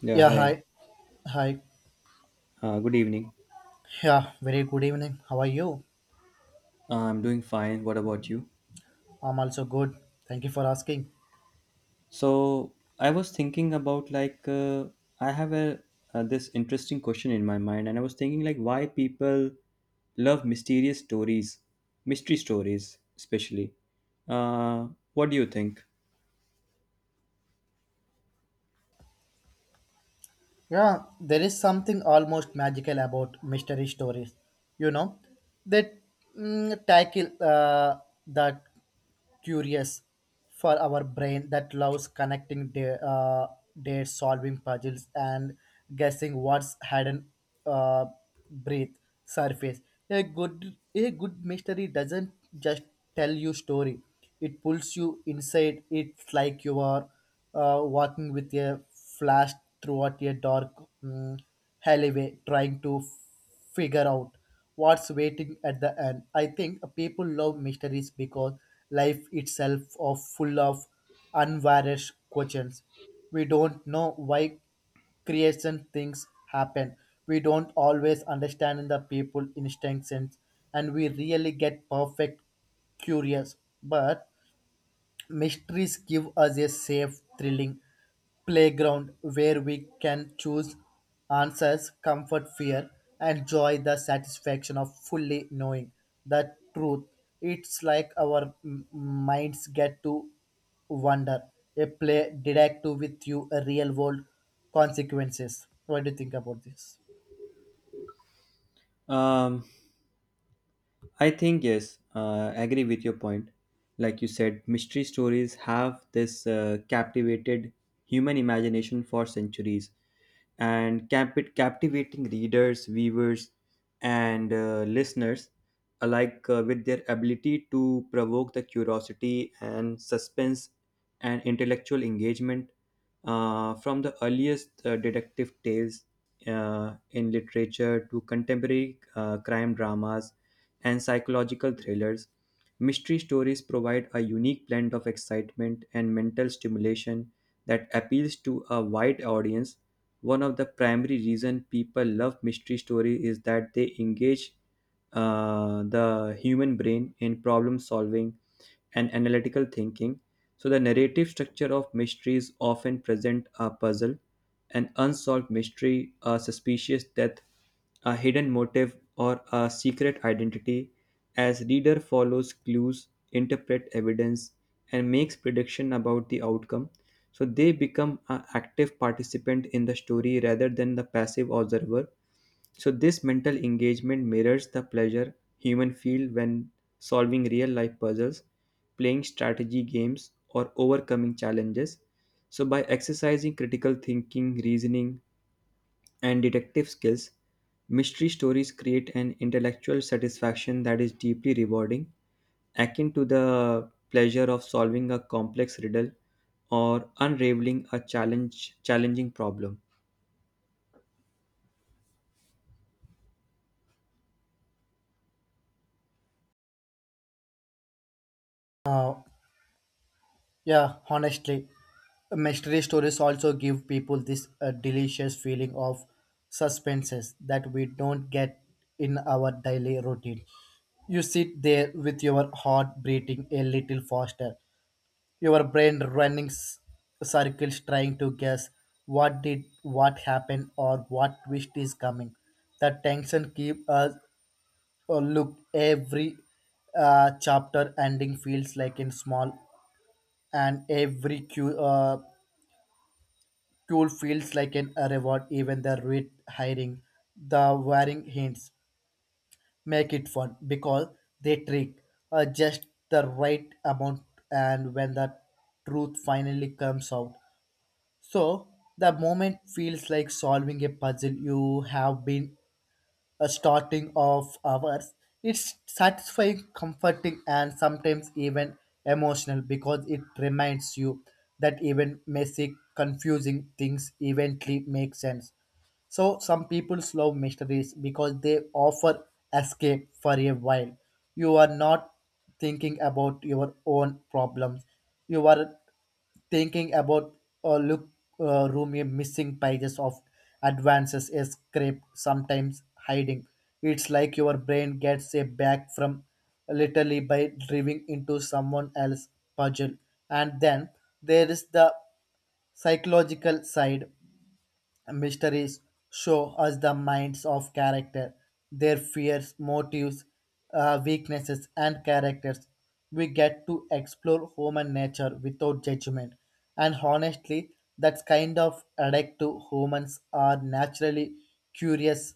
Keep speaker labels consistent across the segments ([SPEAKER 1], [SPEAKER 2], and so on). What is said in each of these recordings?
[SPEAKER 1] Yeah,
[SPEAKER 2] Yeah,
[SPEAKER 1] hi.
[SPEAKER 2] hi. Hi.
[SPEAKER 1] Good evening.
[SPEAKER 2] Yeah, very good evening. How are you?
[SPEAKER 1] I'm doing fine. What about you?
[SPEAKER 2] I'm also good. Thank you for asking.
[SPEAKER 1] So I was thinking about I have a this interesting question in my mind, and I was thinking like why people love mysterious stories, mystery stories especially. What do you think?
[SPEAKER 2] Yeah, there is something almost magical about mystery stories. You know, they tackle that curious for our brain that loves connecting the their solving puzzles and guessing what's hidden uh, breath surface. A good mystery doesn't just tell you story; it pulls you inside. It's like you are walking with a flash throughout a dark mm, alleyway, trying to figure out what's waiting at the end. I think people love mysteries because life itself is full of unvarnished questions. We don't know why creation things happen. We don't always understand the people instincts and we really get perfect curious. But mysteries give us a safe, thrilling playground where we can choose answers, comfort fear, and joy the satisfaction of fully knowing the truth. It's like our minds get to wonder. A play detective with you, a real world consequences. What do you think about this?
[SPEAKER 1] Um, I think yes, I agree with your point. Like you said, mystery stories have this captivated human imagination for centuries and captivating readers, viewers, and listeners alike with their ability to provoke the curiosity and suspense and intellectual engagement from the earliest detective tales in literature to contemporary crime dramas and psychological thrillers, mystery stories provide a unique blend of excitement and mental stimulation that appeals to a wide audience. One of the primary reasons people love mystery stories is that they engage the human brain in problem solving and analytical thinking so, the narrative structure of mysteries often present a puzzle, an unsolved mystery, a suspicious death, a hidden motive, or a secret identity as reader follows clues, interpret evidence, and makes prediction about the outcome so they become an active participant in the story rather than the passive observer so this mental engagement mirrors the pleasure human feel when solving real life puzzles, playing strategy games or overcoming challenges. So by exercising critical thinking, reasoning and detective skills, mystery stories create an intellectual satisfaction that is deeply rewarding, akin to the pleasure of solving a complex riddle or unraveling a challenge challenging problem.
[SPEAKER 2] Uh, Yeah, honestly, mystery stories also give people this delicious feeling of suspenses that we don't get in our daily routine. You sit there with your heart beating a little faster, your brain running circles trying to guess what happened or what twist is coming. The tension keep us look every chapter ending feels like in small and every cue feels like an a reward. Even the red hiring, the wearing hints make it fun because they trick just the right amount, and when the truth finally comes out, so the moment feels like solving a puzzle you have been a starting of hours. It's satisfying, comforting, and sometimes even emotional because it reminds you that even messy, confusing things eventually make sense. So some people love mysteries because they offer escape for a while. You are not thinking about your own problems. You are thinking about a look room a missing pages of advances a script sometimes hiding it's like your brain gets a back from literally by driving into someone else's puzzle, and then there is the psychological side. Mysteries show us the minds of character, their fears, motives, weaknesses, and characters. We get to explore human nature without judgment, and honestly, that's kind of addictive. Humans are naturally curious,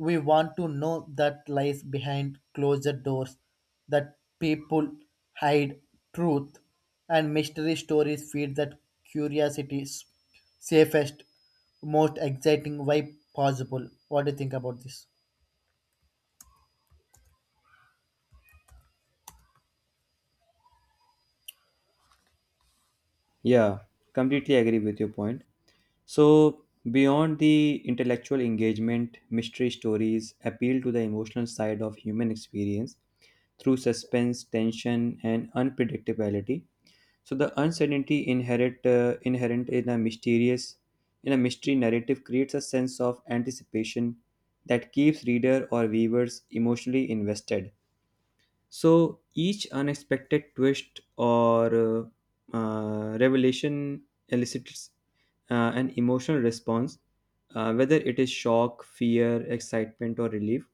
[SPEAKER 2] we want to know that lies behind closed doors, that people hide truth, and mystery stories feed that curiosity safest, most exciting way possible. What do you think about this?
[SPEAKER 1] Yeah, completely agree with your point. So, beyond the intellectual engagement, mystery stories appeal to the emotional side of human experience through suspense, tension, and unpredictability. So the uncertainty inherent in a mysterious in a mystery narrative creates a sense of anticipation that keeps reader or viewers emotionally invested. So each unexpected twist or revelation elicits an emotional response, whether it is shock, fear, excitement, or relief.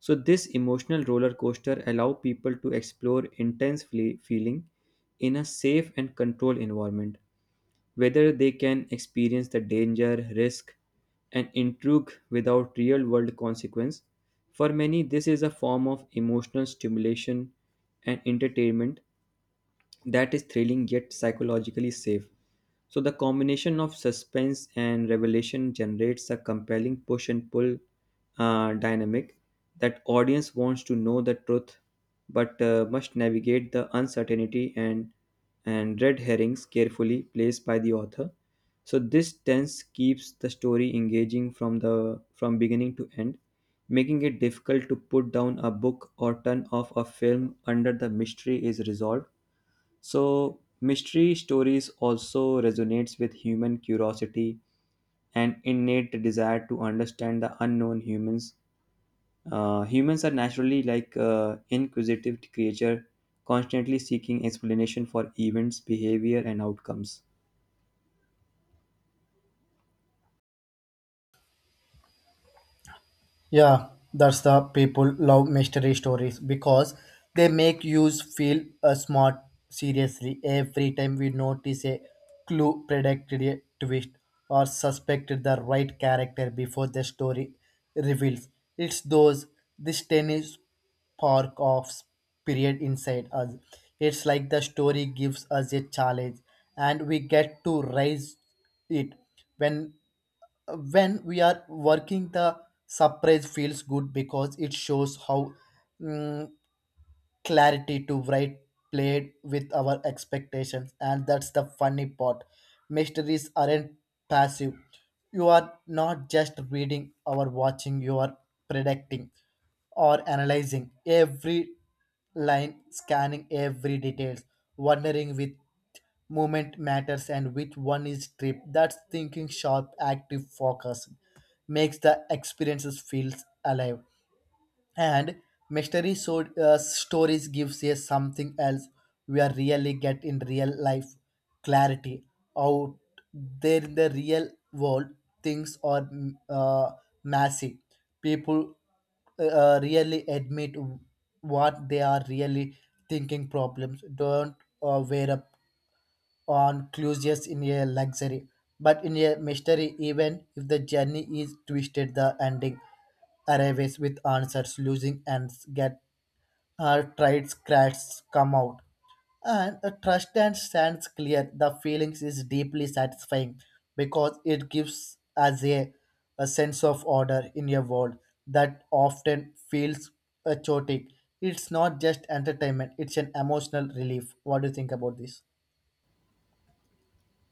[SPEAKER 1] So this emotional roller coaster allow people to explore intense feeling in a safe and controlled environment, whether they can experience the danger, risk, and intrigue without real world consequence. For many, this is a form of emotional stimulation and entertainment that is thrilling yet psychologically safe. So the combination of suspense and revelation generates a compelling push and pull dynamic that audience wants to know the truth but must navigate the uncertainty and red herrings carefully placed by the author. So this tense keeps the story engaging from the from beginning to end, making it difficult to put down a book or turn off a film under the mystery is resolved so mystery stories also resonates with human curiosity and innate desire to understand the unknown humans. Humans are naturally inquisitive creature, constantly seeking explanation for events, behavior, and outcomes.
[SPEAKER 2] Yeah, that's the people love mystery stories because they make you feel smart. Seriously, every time we notice a clue, predicted a twist, or suspected the right character before the story reveals. It's those this tiny spark of spirit inside us. It's like the story gives us a challenge and we get to raise it when we are working the surprise feels good because it shows how mm, clarity to write played with our expectations, and that's the funny part. Mysteries aren't passive. You are not just reading or watching, you are predicting or analyzing every line, scanning every details, wondering with movement matters and which one is trip. That's thinking sharp active focus makes the experiences feels alive. And mystery stories gives us something else we are really get in real life clarity out there in the real world. Things are massive. People really admit what they are really thinking. Problems don't wear up on cruises in a luxury, but in a mystery, even if the journey is twisted, the ending arrives with answers, losing and get our tried cracks come out. And a trust and stands clear, the feelings is deeply satisfying because it gives us a sense of order in a world that often feels chaotic. It's not just entertainment, it's an emotional relief. What do you think about this?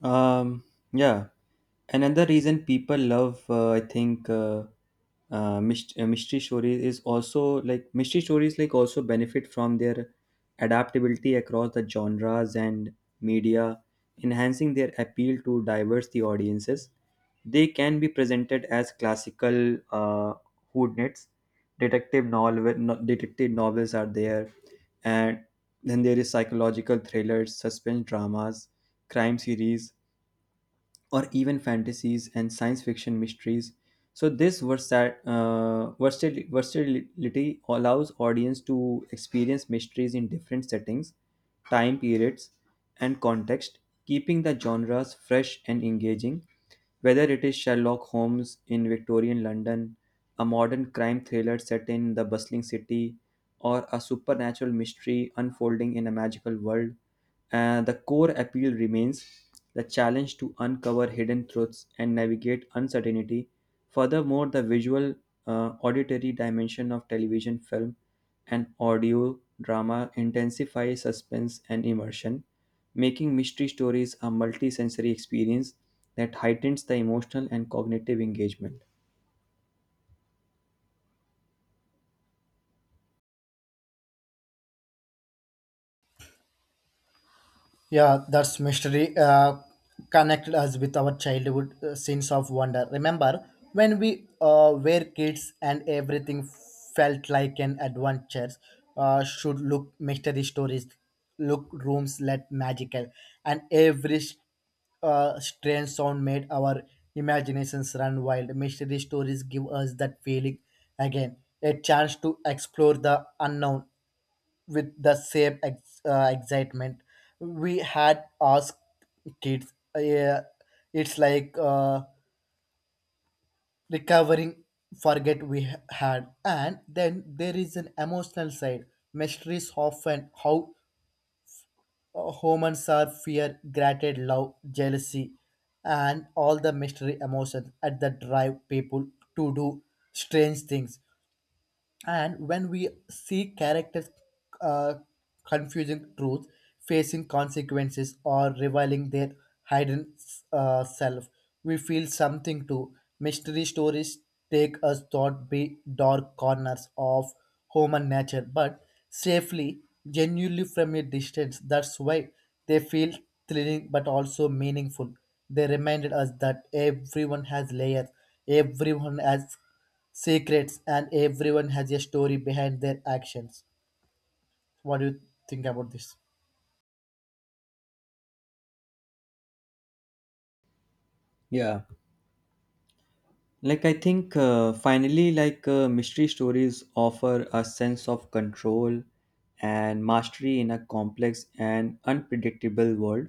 [SPEAKER 1] Um, yeah. Another reason people love, I think, mystery stories is also like mystery stories also benefit from their adaptability across the genres and media, enhancing their appeal to diverse the audiences. They can be presented as classical whodunits, detective novel, no, detective novels are there, and then there is psychological thrillers, suspense dramas, crime series or even fantasies and science fiction mysteries. So this versatility allows audience to experience mysteries in different settings, time periods, and context, keeping the genres fresh and engaging. Whether it is Sherlock Holmes in Victorian London, a modern crime thriller set in the bustling city, or a supernatural mystery unfolding in a magical world. And the core appeal remains the challenge to uncover hidden truths and navigate uncertainty. Furthermore, the visual, auditory dimension of television, film, and audio drama intensify suspense and immersion, making mystery stories a multisensory experience that heightens the emotional and cognitive engagement.
[SPEAKER 2] Yeah, that's mystery connect us with our childhood sense of wonder. Remember when we were kids and everything felt like an adventure? Should look mystery stories, look rooms let magical, and every strange sound made our imaginations run wild. Mystery stories give us that feeling again, a chance to explore the unknown with the same excitement we had asked kids. It's like recovering forget we had. And then there is an emotional side. Mysteries often how humans are fear, gratitude, love, jealousy, and all the mystery emotions at the drive people to do strange things. And when we see characters uh, confusing truth, facing consequences, or revealing their hidden self, we feel something too. Mystery stories take us thought be dark corners of human nature, but safely, genuinely from a distance. That's why they feel thrilling but also meaningful. They reminded us that everyone has layers, everyone has secrets, and everyone has a story behind their actions. What do you think about this?
[SPEAKER 1] Yeah, like I think finally mystery stories offer a sense of control and mastery in a complex and unpredictable world.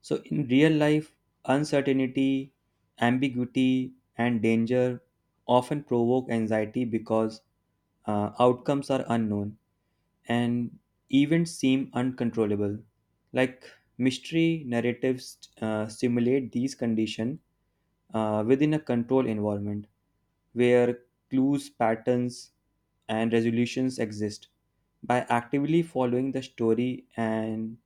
[SPEAKER 1] So in real life, uncertainty, ambiguity and danger often provoke anxiety because outcomes are unknown and events seem uncontrollable. Like mystery narratives simulate these conditions within a controlled environment where clues, patterns, and resolutions exist. By actively following the story and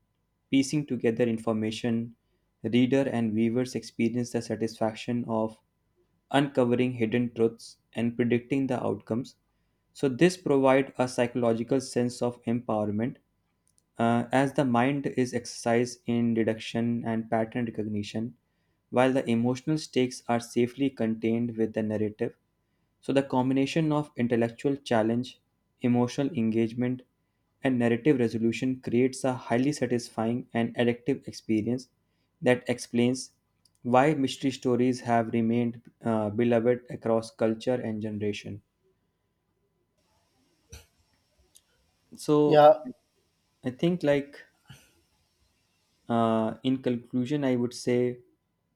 [SPEAKER 1] piecing together information, reader and viewers experience the satisfaction of uncovering hidden truths and predicting the outcomes. So this provides a psychological sense of empowerment as the mind is exercised in deduction and pattern recognition, while the emotional stakes are safely contained with the narrative so, the combination of intellectual challenge, emotional engagement, and narrative resolution creates a highly satisfying and addictive experience that explains why mystery stories have remained beloved across culture and generation. So,
[SPEAKER 2] Yeah.
[SPEAKER 1] I think like In conclusion, I would say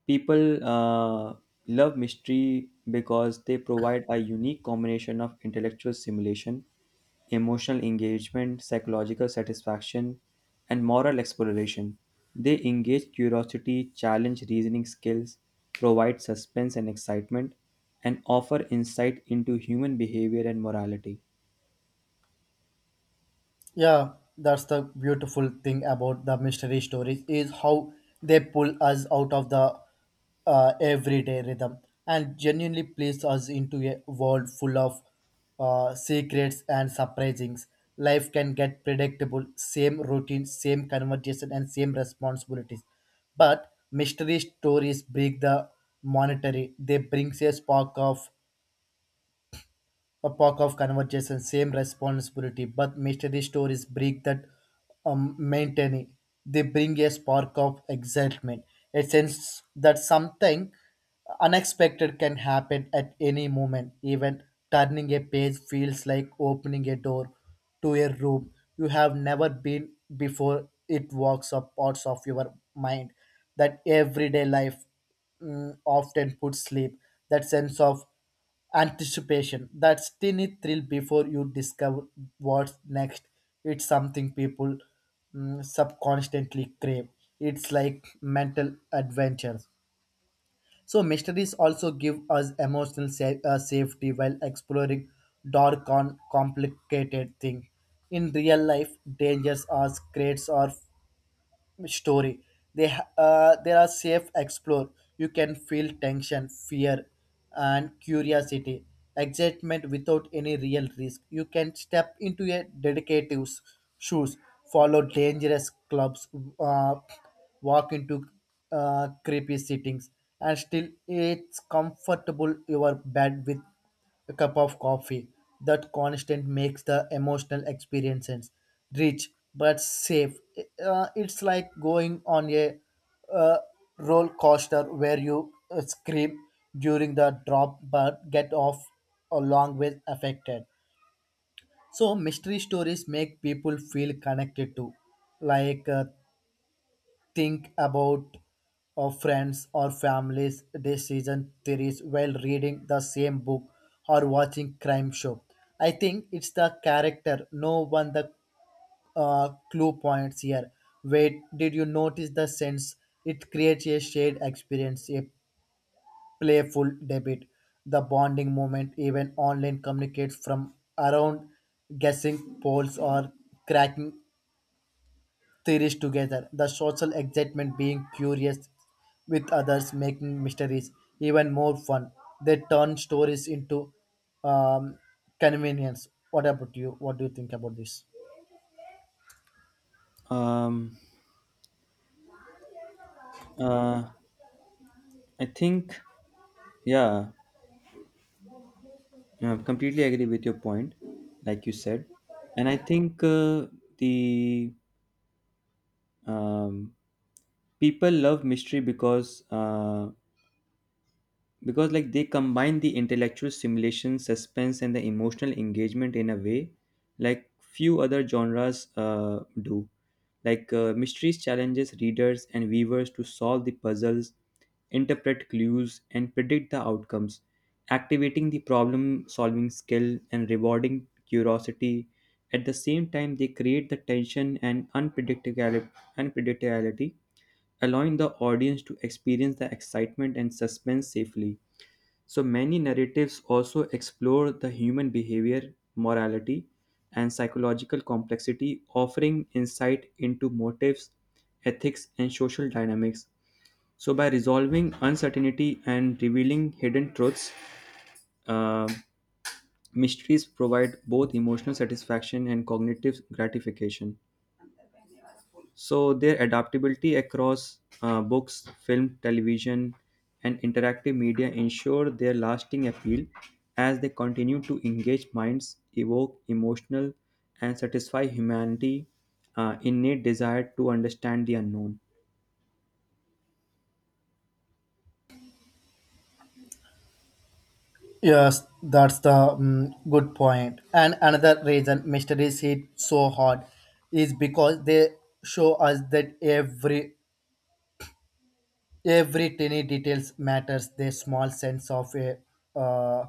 [SPEAKER 1] people love mystery because they provide a unique combination of intellectual stimulation, emotional engagement, psychological satisfaction, and moral exploration. They engage curiosity, challenge reasoning skills, provide suspense and excitement, and offer insight into human behavior and morality.
[SPEAKER 2] Yeah, that's the beautiful thing about the mystery stories is how they pull us out of the everyday rhythm and genuinely place us into a world full of secrets and surprisings. Life can get predictable, same routine, same conversation, and same responsibilities. But mystery stories break the monetary. They bring a spark of a pack of conversation, same responsibility, but mystery stories break that maintaining. They bring a spark of excitement, a sense that something unexpected can happen at any moment. Even turning a page feels like opening a door to a room you have never been before. It walks up parts of your mind that everyday life often puts sleep. That sense of anticipation, that tiny thrill before you discover what's next, it's something people subconsciously crave. It's like mental adventure. So mysteries also give us emotional safety while exploring dark and complicated things in real life. Dangers are secrets or story. There are safe explore. You can feel tension, fear, and curiosity, excitement without any real risk. You can step into a dedicative's shoes, follow dangerous clubs, uh, walk into creepy settings, and still it's comfortable your bed with a cup of coffee. That constant makes the emotional experiences rich but safe. It's like going on a uh, roller coaster where you scream during the drop but get off a long way affected. So mystery stories make people feel connected to, like uh, think about friends or families decision theories while reading the same book or watching crime show. I think it's the character, no one the clue points here. Wait, did you notice the sense? It creates a shared experience, a playful debate, the bonding moment, even online communicates from around guessing polls or cracking theories together. The social excitement being curious with others, making mysteries even more fun. They turn stories into um, convenience. What about you? What do you think about this?
[SPEAKER 1] Um, uh, I think, yeah, I completely agree with your point, like you said, and I think the um, people love mystery because like they combine the intellectual stimulation suspense and the emotional engagement in a way like few other genres do like mysteries challenges readers and viewers to solve the puzzles interpret clues and predict the outcomes activating the problem solving skill and rewarding curiosity at the same time they create the tension and unpredictability allowing the audience to experience the excitement and suspense safely so many narratives also explore the human behavior, morality, and psychological complexity, offering insight into motives, ethics, and social dynamics. So, by resolving uncertainty and revealing hidden truths, uh, mysteries provide both emotional satisfaction and cognitive gratification. So their adaptability across books, film, television, and interactive media ensure their lasting appeal as they continue to engage minds, evoke emotional, and satisfy humanity' innate desire to understand the unknown.
[SPEAKER 2] Yes, that's the good point. And another reason mysteries hit so hard is because they show us that every tiny details matters. Their small sense of a uh,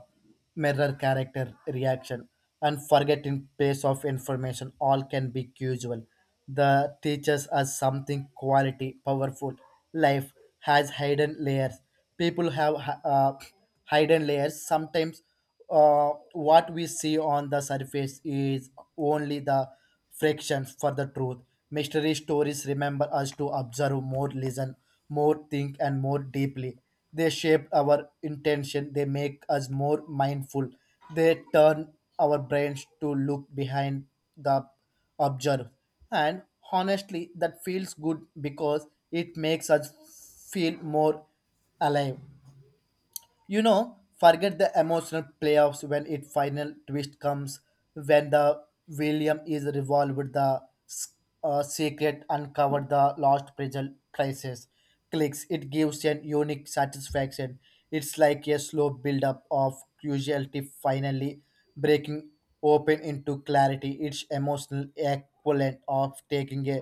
[SPEAKER 2] mirror character reaction and forgetting pace of information all can be casual. The teaches us something quality, powerful. Life has hidden layers. People have hidden layers. Sometimes what we see on the surface is only the fractions for the truth. Mystery stories remember us to observe more, listen more, think, and more deeply. They shape our intention, they make us more mindful, they turn our brains to look behind the observe. And honestly, that feels good because it makes us feel more alive. You know, forget the emotional playoffs when it final twist comes, when the William is revolved, the secret uncovered, the lost puzzle crisis clicks, it gives an unique satisfaction. It's like a slow build up of curiosity finally breaking open into clarity, its emotional equivalent of taking a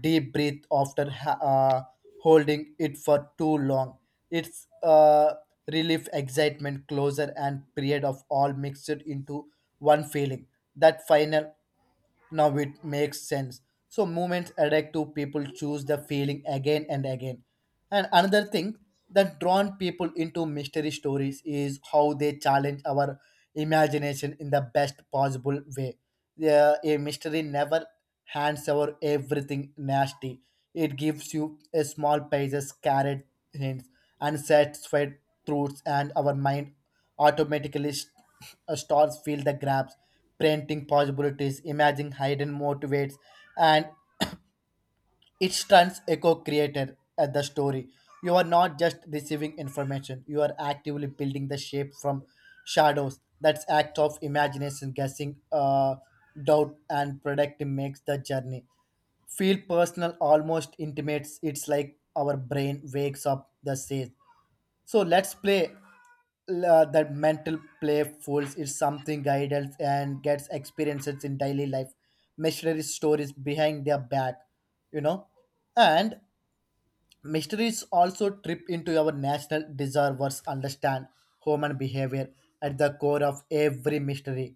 [SPEAKER 2] deep breath after holding it for too long. It's relief, excitement, closure, and period of all mixed into one feeling. That final now it makes sense. So movements adapt to people choose the feeling again and again. And another thing that drawn people into mystery stories is how they challenge our imagination in the best possible way. Yeah, a mystery never hands over everything nasty. It gives you a small pages, carrot hints, and satisfied truths, and our mind automatically stores fill the gaps, printing possibilities, imagine hidden motivates, and it turns echo creator at the story. You are not just receiving information, you are actively building the shape from shadows. That's act of imagination, guessing, doubt, and predicting makes the journey feel personal almost intimates. It's like our brain wakes up the says so let's play. That mental playfuls is something guidance and gets experiences in daily life. Mystery stories behind their back, you know, and mysteries also trip into our national desire was understand human behavior at the core of every mystery.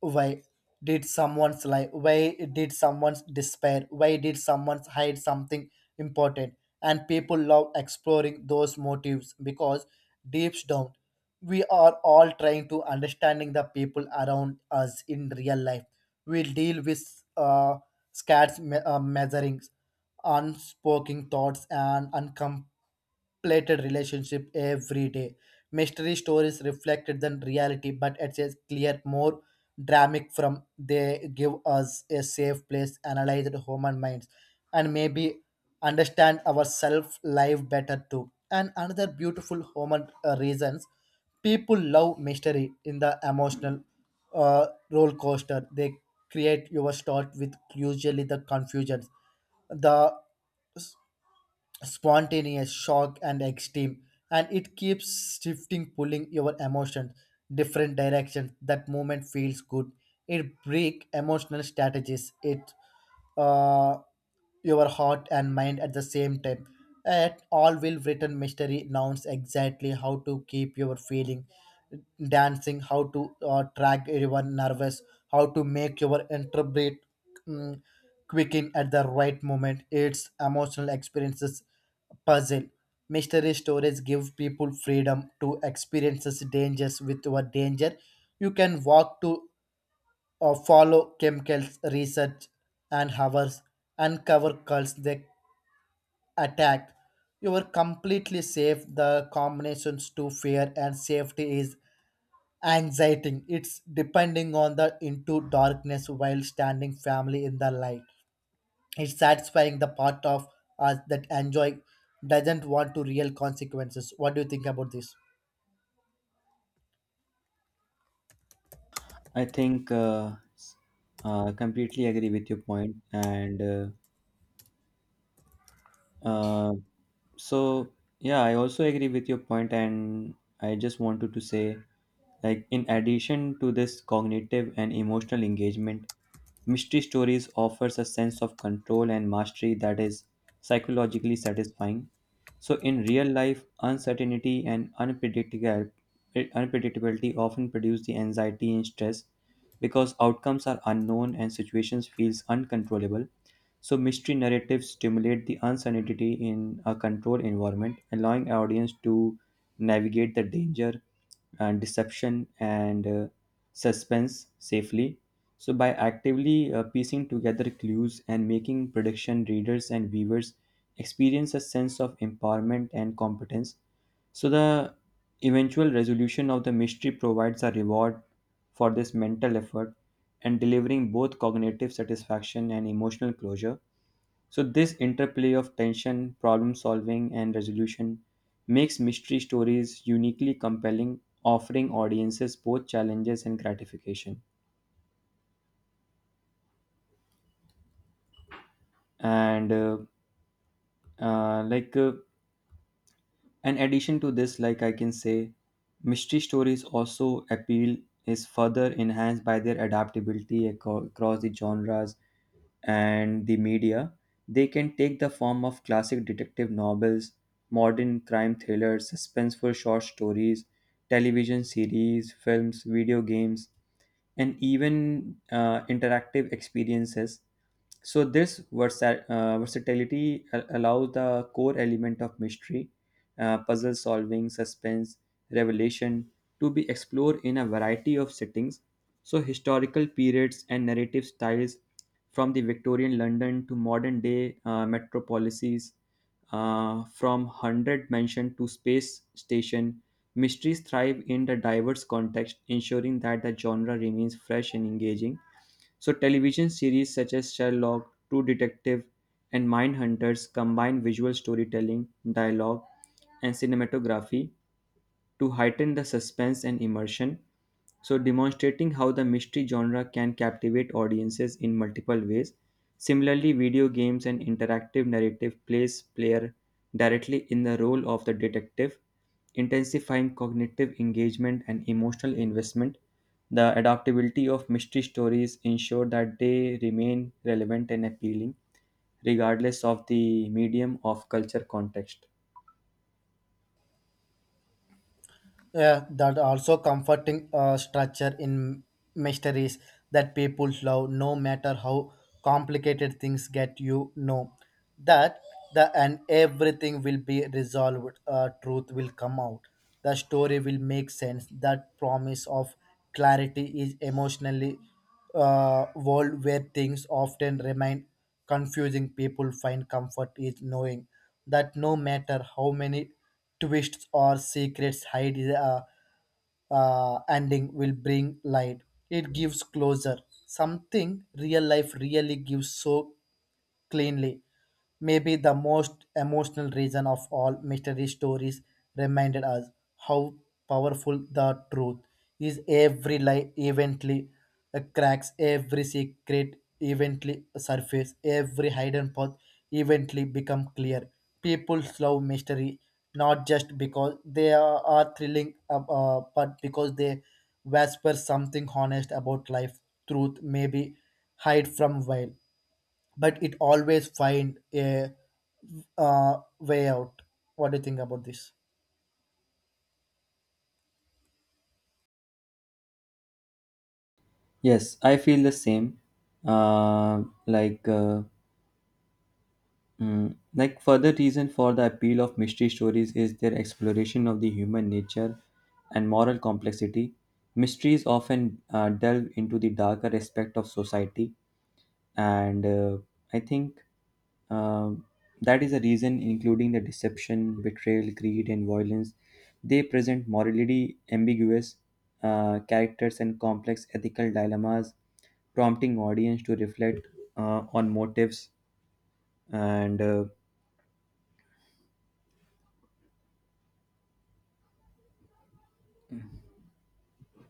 [SPEAKER 2] Why did someone's lie? Why did someone's despair? Why did someone hide something important? And people love exploring those motives because deep down, we are all trying to understanding the people around us in real life. We deal with scarce measurings unspoken thoughts and uncompleted relationship every day. Mystery stories reflected than reality, but it's a clear, more dramatic from they give us a safe place, analyze the human minds, and maybe understand ourselves life better too. And another beautiful human reasons people love mystery in the emotional roller coaster. They create your start with usually the confusions, the spontaneous shock and extreme, and it keeps shifting pulling your emotions different directions. That moment feels good, it break emotional strategies, it uh, your heart and mind at the same time. At all will written mystery knows exactly how to keep your feeling dancing, how to track everyone nervous, how to make your interpret mm, quicking at the right moment. Its emotional experiences puzzle. Mystery stories give people freedom to experience dangers with what danger. You can walk to or follow chemicals research and hours uncover cults they attack. You are completely safe. The combinations to fear and safety is anxiety. It's depending on the into darkness while standing family in the light. It's satisfying the part of us that enjoy doesn't want to real consequences. What do you think about this?
[SPEAKER 1] I think completely agree with your point, and uh, so yeah, I also agree with your point, and I just wanted to say like in addition to this cognitive and emotional engagement, mystery stories offers a sense of control and mastery that is psychologically satisfying. So in real life, uncertainty and unpredictable unpredictability often produce the anxiety and stress because outcomes are unknown and situations feels uncontrollable. So mystery narratives stimulate the uncertainty in a controlled environment, allowing audience to navigate the danger and deception and suspense safely. So, by actively piecing together clues and making prediction, readers and viewers experience a sense of empowerment and competence. So, the eventual resolution of the mystery provides a reward for this mental effort and delivering both cognitive satisfaction and emotional closure. So, this interplay of tension, problem solving, and resolution makes mystery stories uniquely compelling, offering audiences both challenges and gratification. And, uh, uh, like, uh, an addition to this, like I can say, mystery stories also appeal is further enhanced by their adaptability across the genres and the media, they can take the form of classic detective novels, modern crime thrillers, suspenseful short stories, television series, films, video games, and even interactive experiences so this versatility allows the core element of mystery, puzzle solving, suspense, revelation to be explored in a variety of settings. So historical periods and narrative styles from the Victorian London to modern day metropolises, from 100 mansion to space station, mysteries thrive in the diverse context, ensuring that the genre remains fresh and engaging so, television series such as Sherlock, True Detective, and Mindhunters combine visual storytelling, dialogue, and cinematography, to heighten the suspense and immersion, so demonstrating how the mystery genre can captivate audiences in multiple ways. Similarly, video games and interactive narrative place player directly in the role of the detective, intensifying cognitive engagement and emotional investment. The adaptability of mystery stories ensure that they remain relevant and appealing regardless of the medium of culture context.
[SPEAKER 2] Yeah, that also comforting structure in mysteries that people love, no matter how complicated things get. You know that the and everything will be resolved. Truth will come out. The story will make sense. That promise of clarity is emotionally world where things often remain confusing. People find comfort is knowing that no matter how many twists or secrets hide ending will bring light. It gives closure. Something real life really gives so cleanly. Maybe the most emotional reason of all mystery stories reminded us how powerful the truth is. Every lie eventually cracks, every secret eventually surface, every hidden path eventually become clear. People love mystery not just because they are thrilling, but because they whisper something honest about life, truth, maybe hide from while but it always find a way out. What do you think about this?
[SPEAKER 1] Yes, I feel the same. Uh, like, uh, further reason for the appeal of mystery stories is their exploration of the human nature and moral complexity. Mysteries often delve into the darker aspect of society, and I think um, that is a reason, including the deception, betrayal, greed, and violence. They present morally ambiguous characters and complex ethical dilemmas, prompting audience to reflect on motives and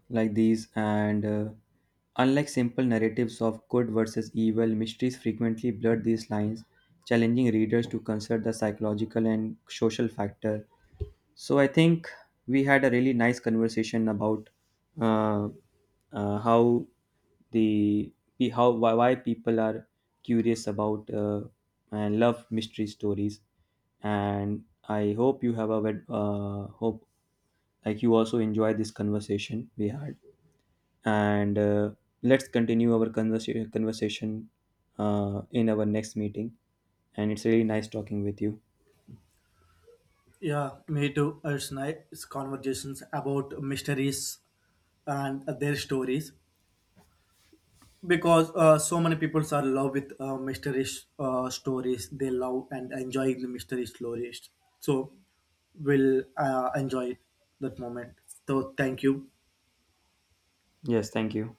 [SPEAKER 1] like these and unlike simple narratives of good versus evil mysteries frequently blur these lines challenging readers to consider the psychological and social factor so I think we had a really nice conversation about uh, how the how why people are curious about and love mystery stories and I hope you have a hope like you also enjoy this conversation we had and let's continue our conversation in our next meeting and it's really nice talking with you.
[SPEAKER 2] Yeah, me too. It's nice conversations about mysteries and their stories because so many people are love with mystery stories. They love and enjoy the mystery stories. So, we'll enjoy that moment. So, thank you.
[SPEAKER 1] Yes, thank you.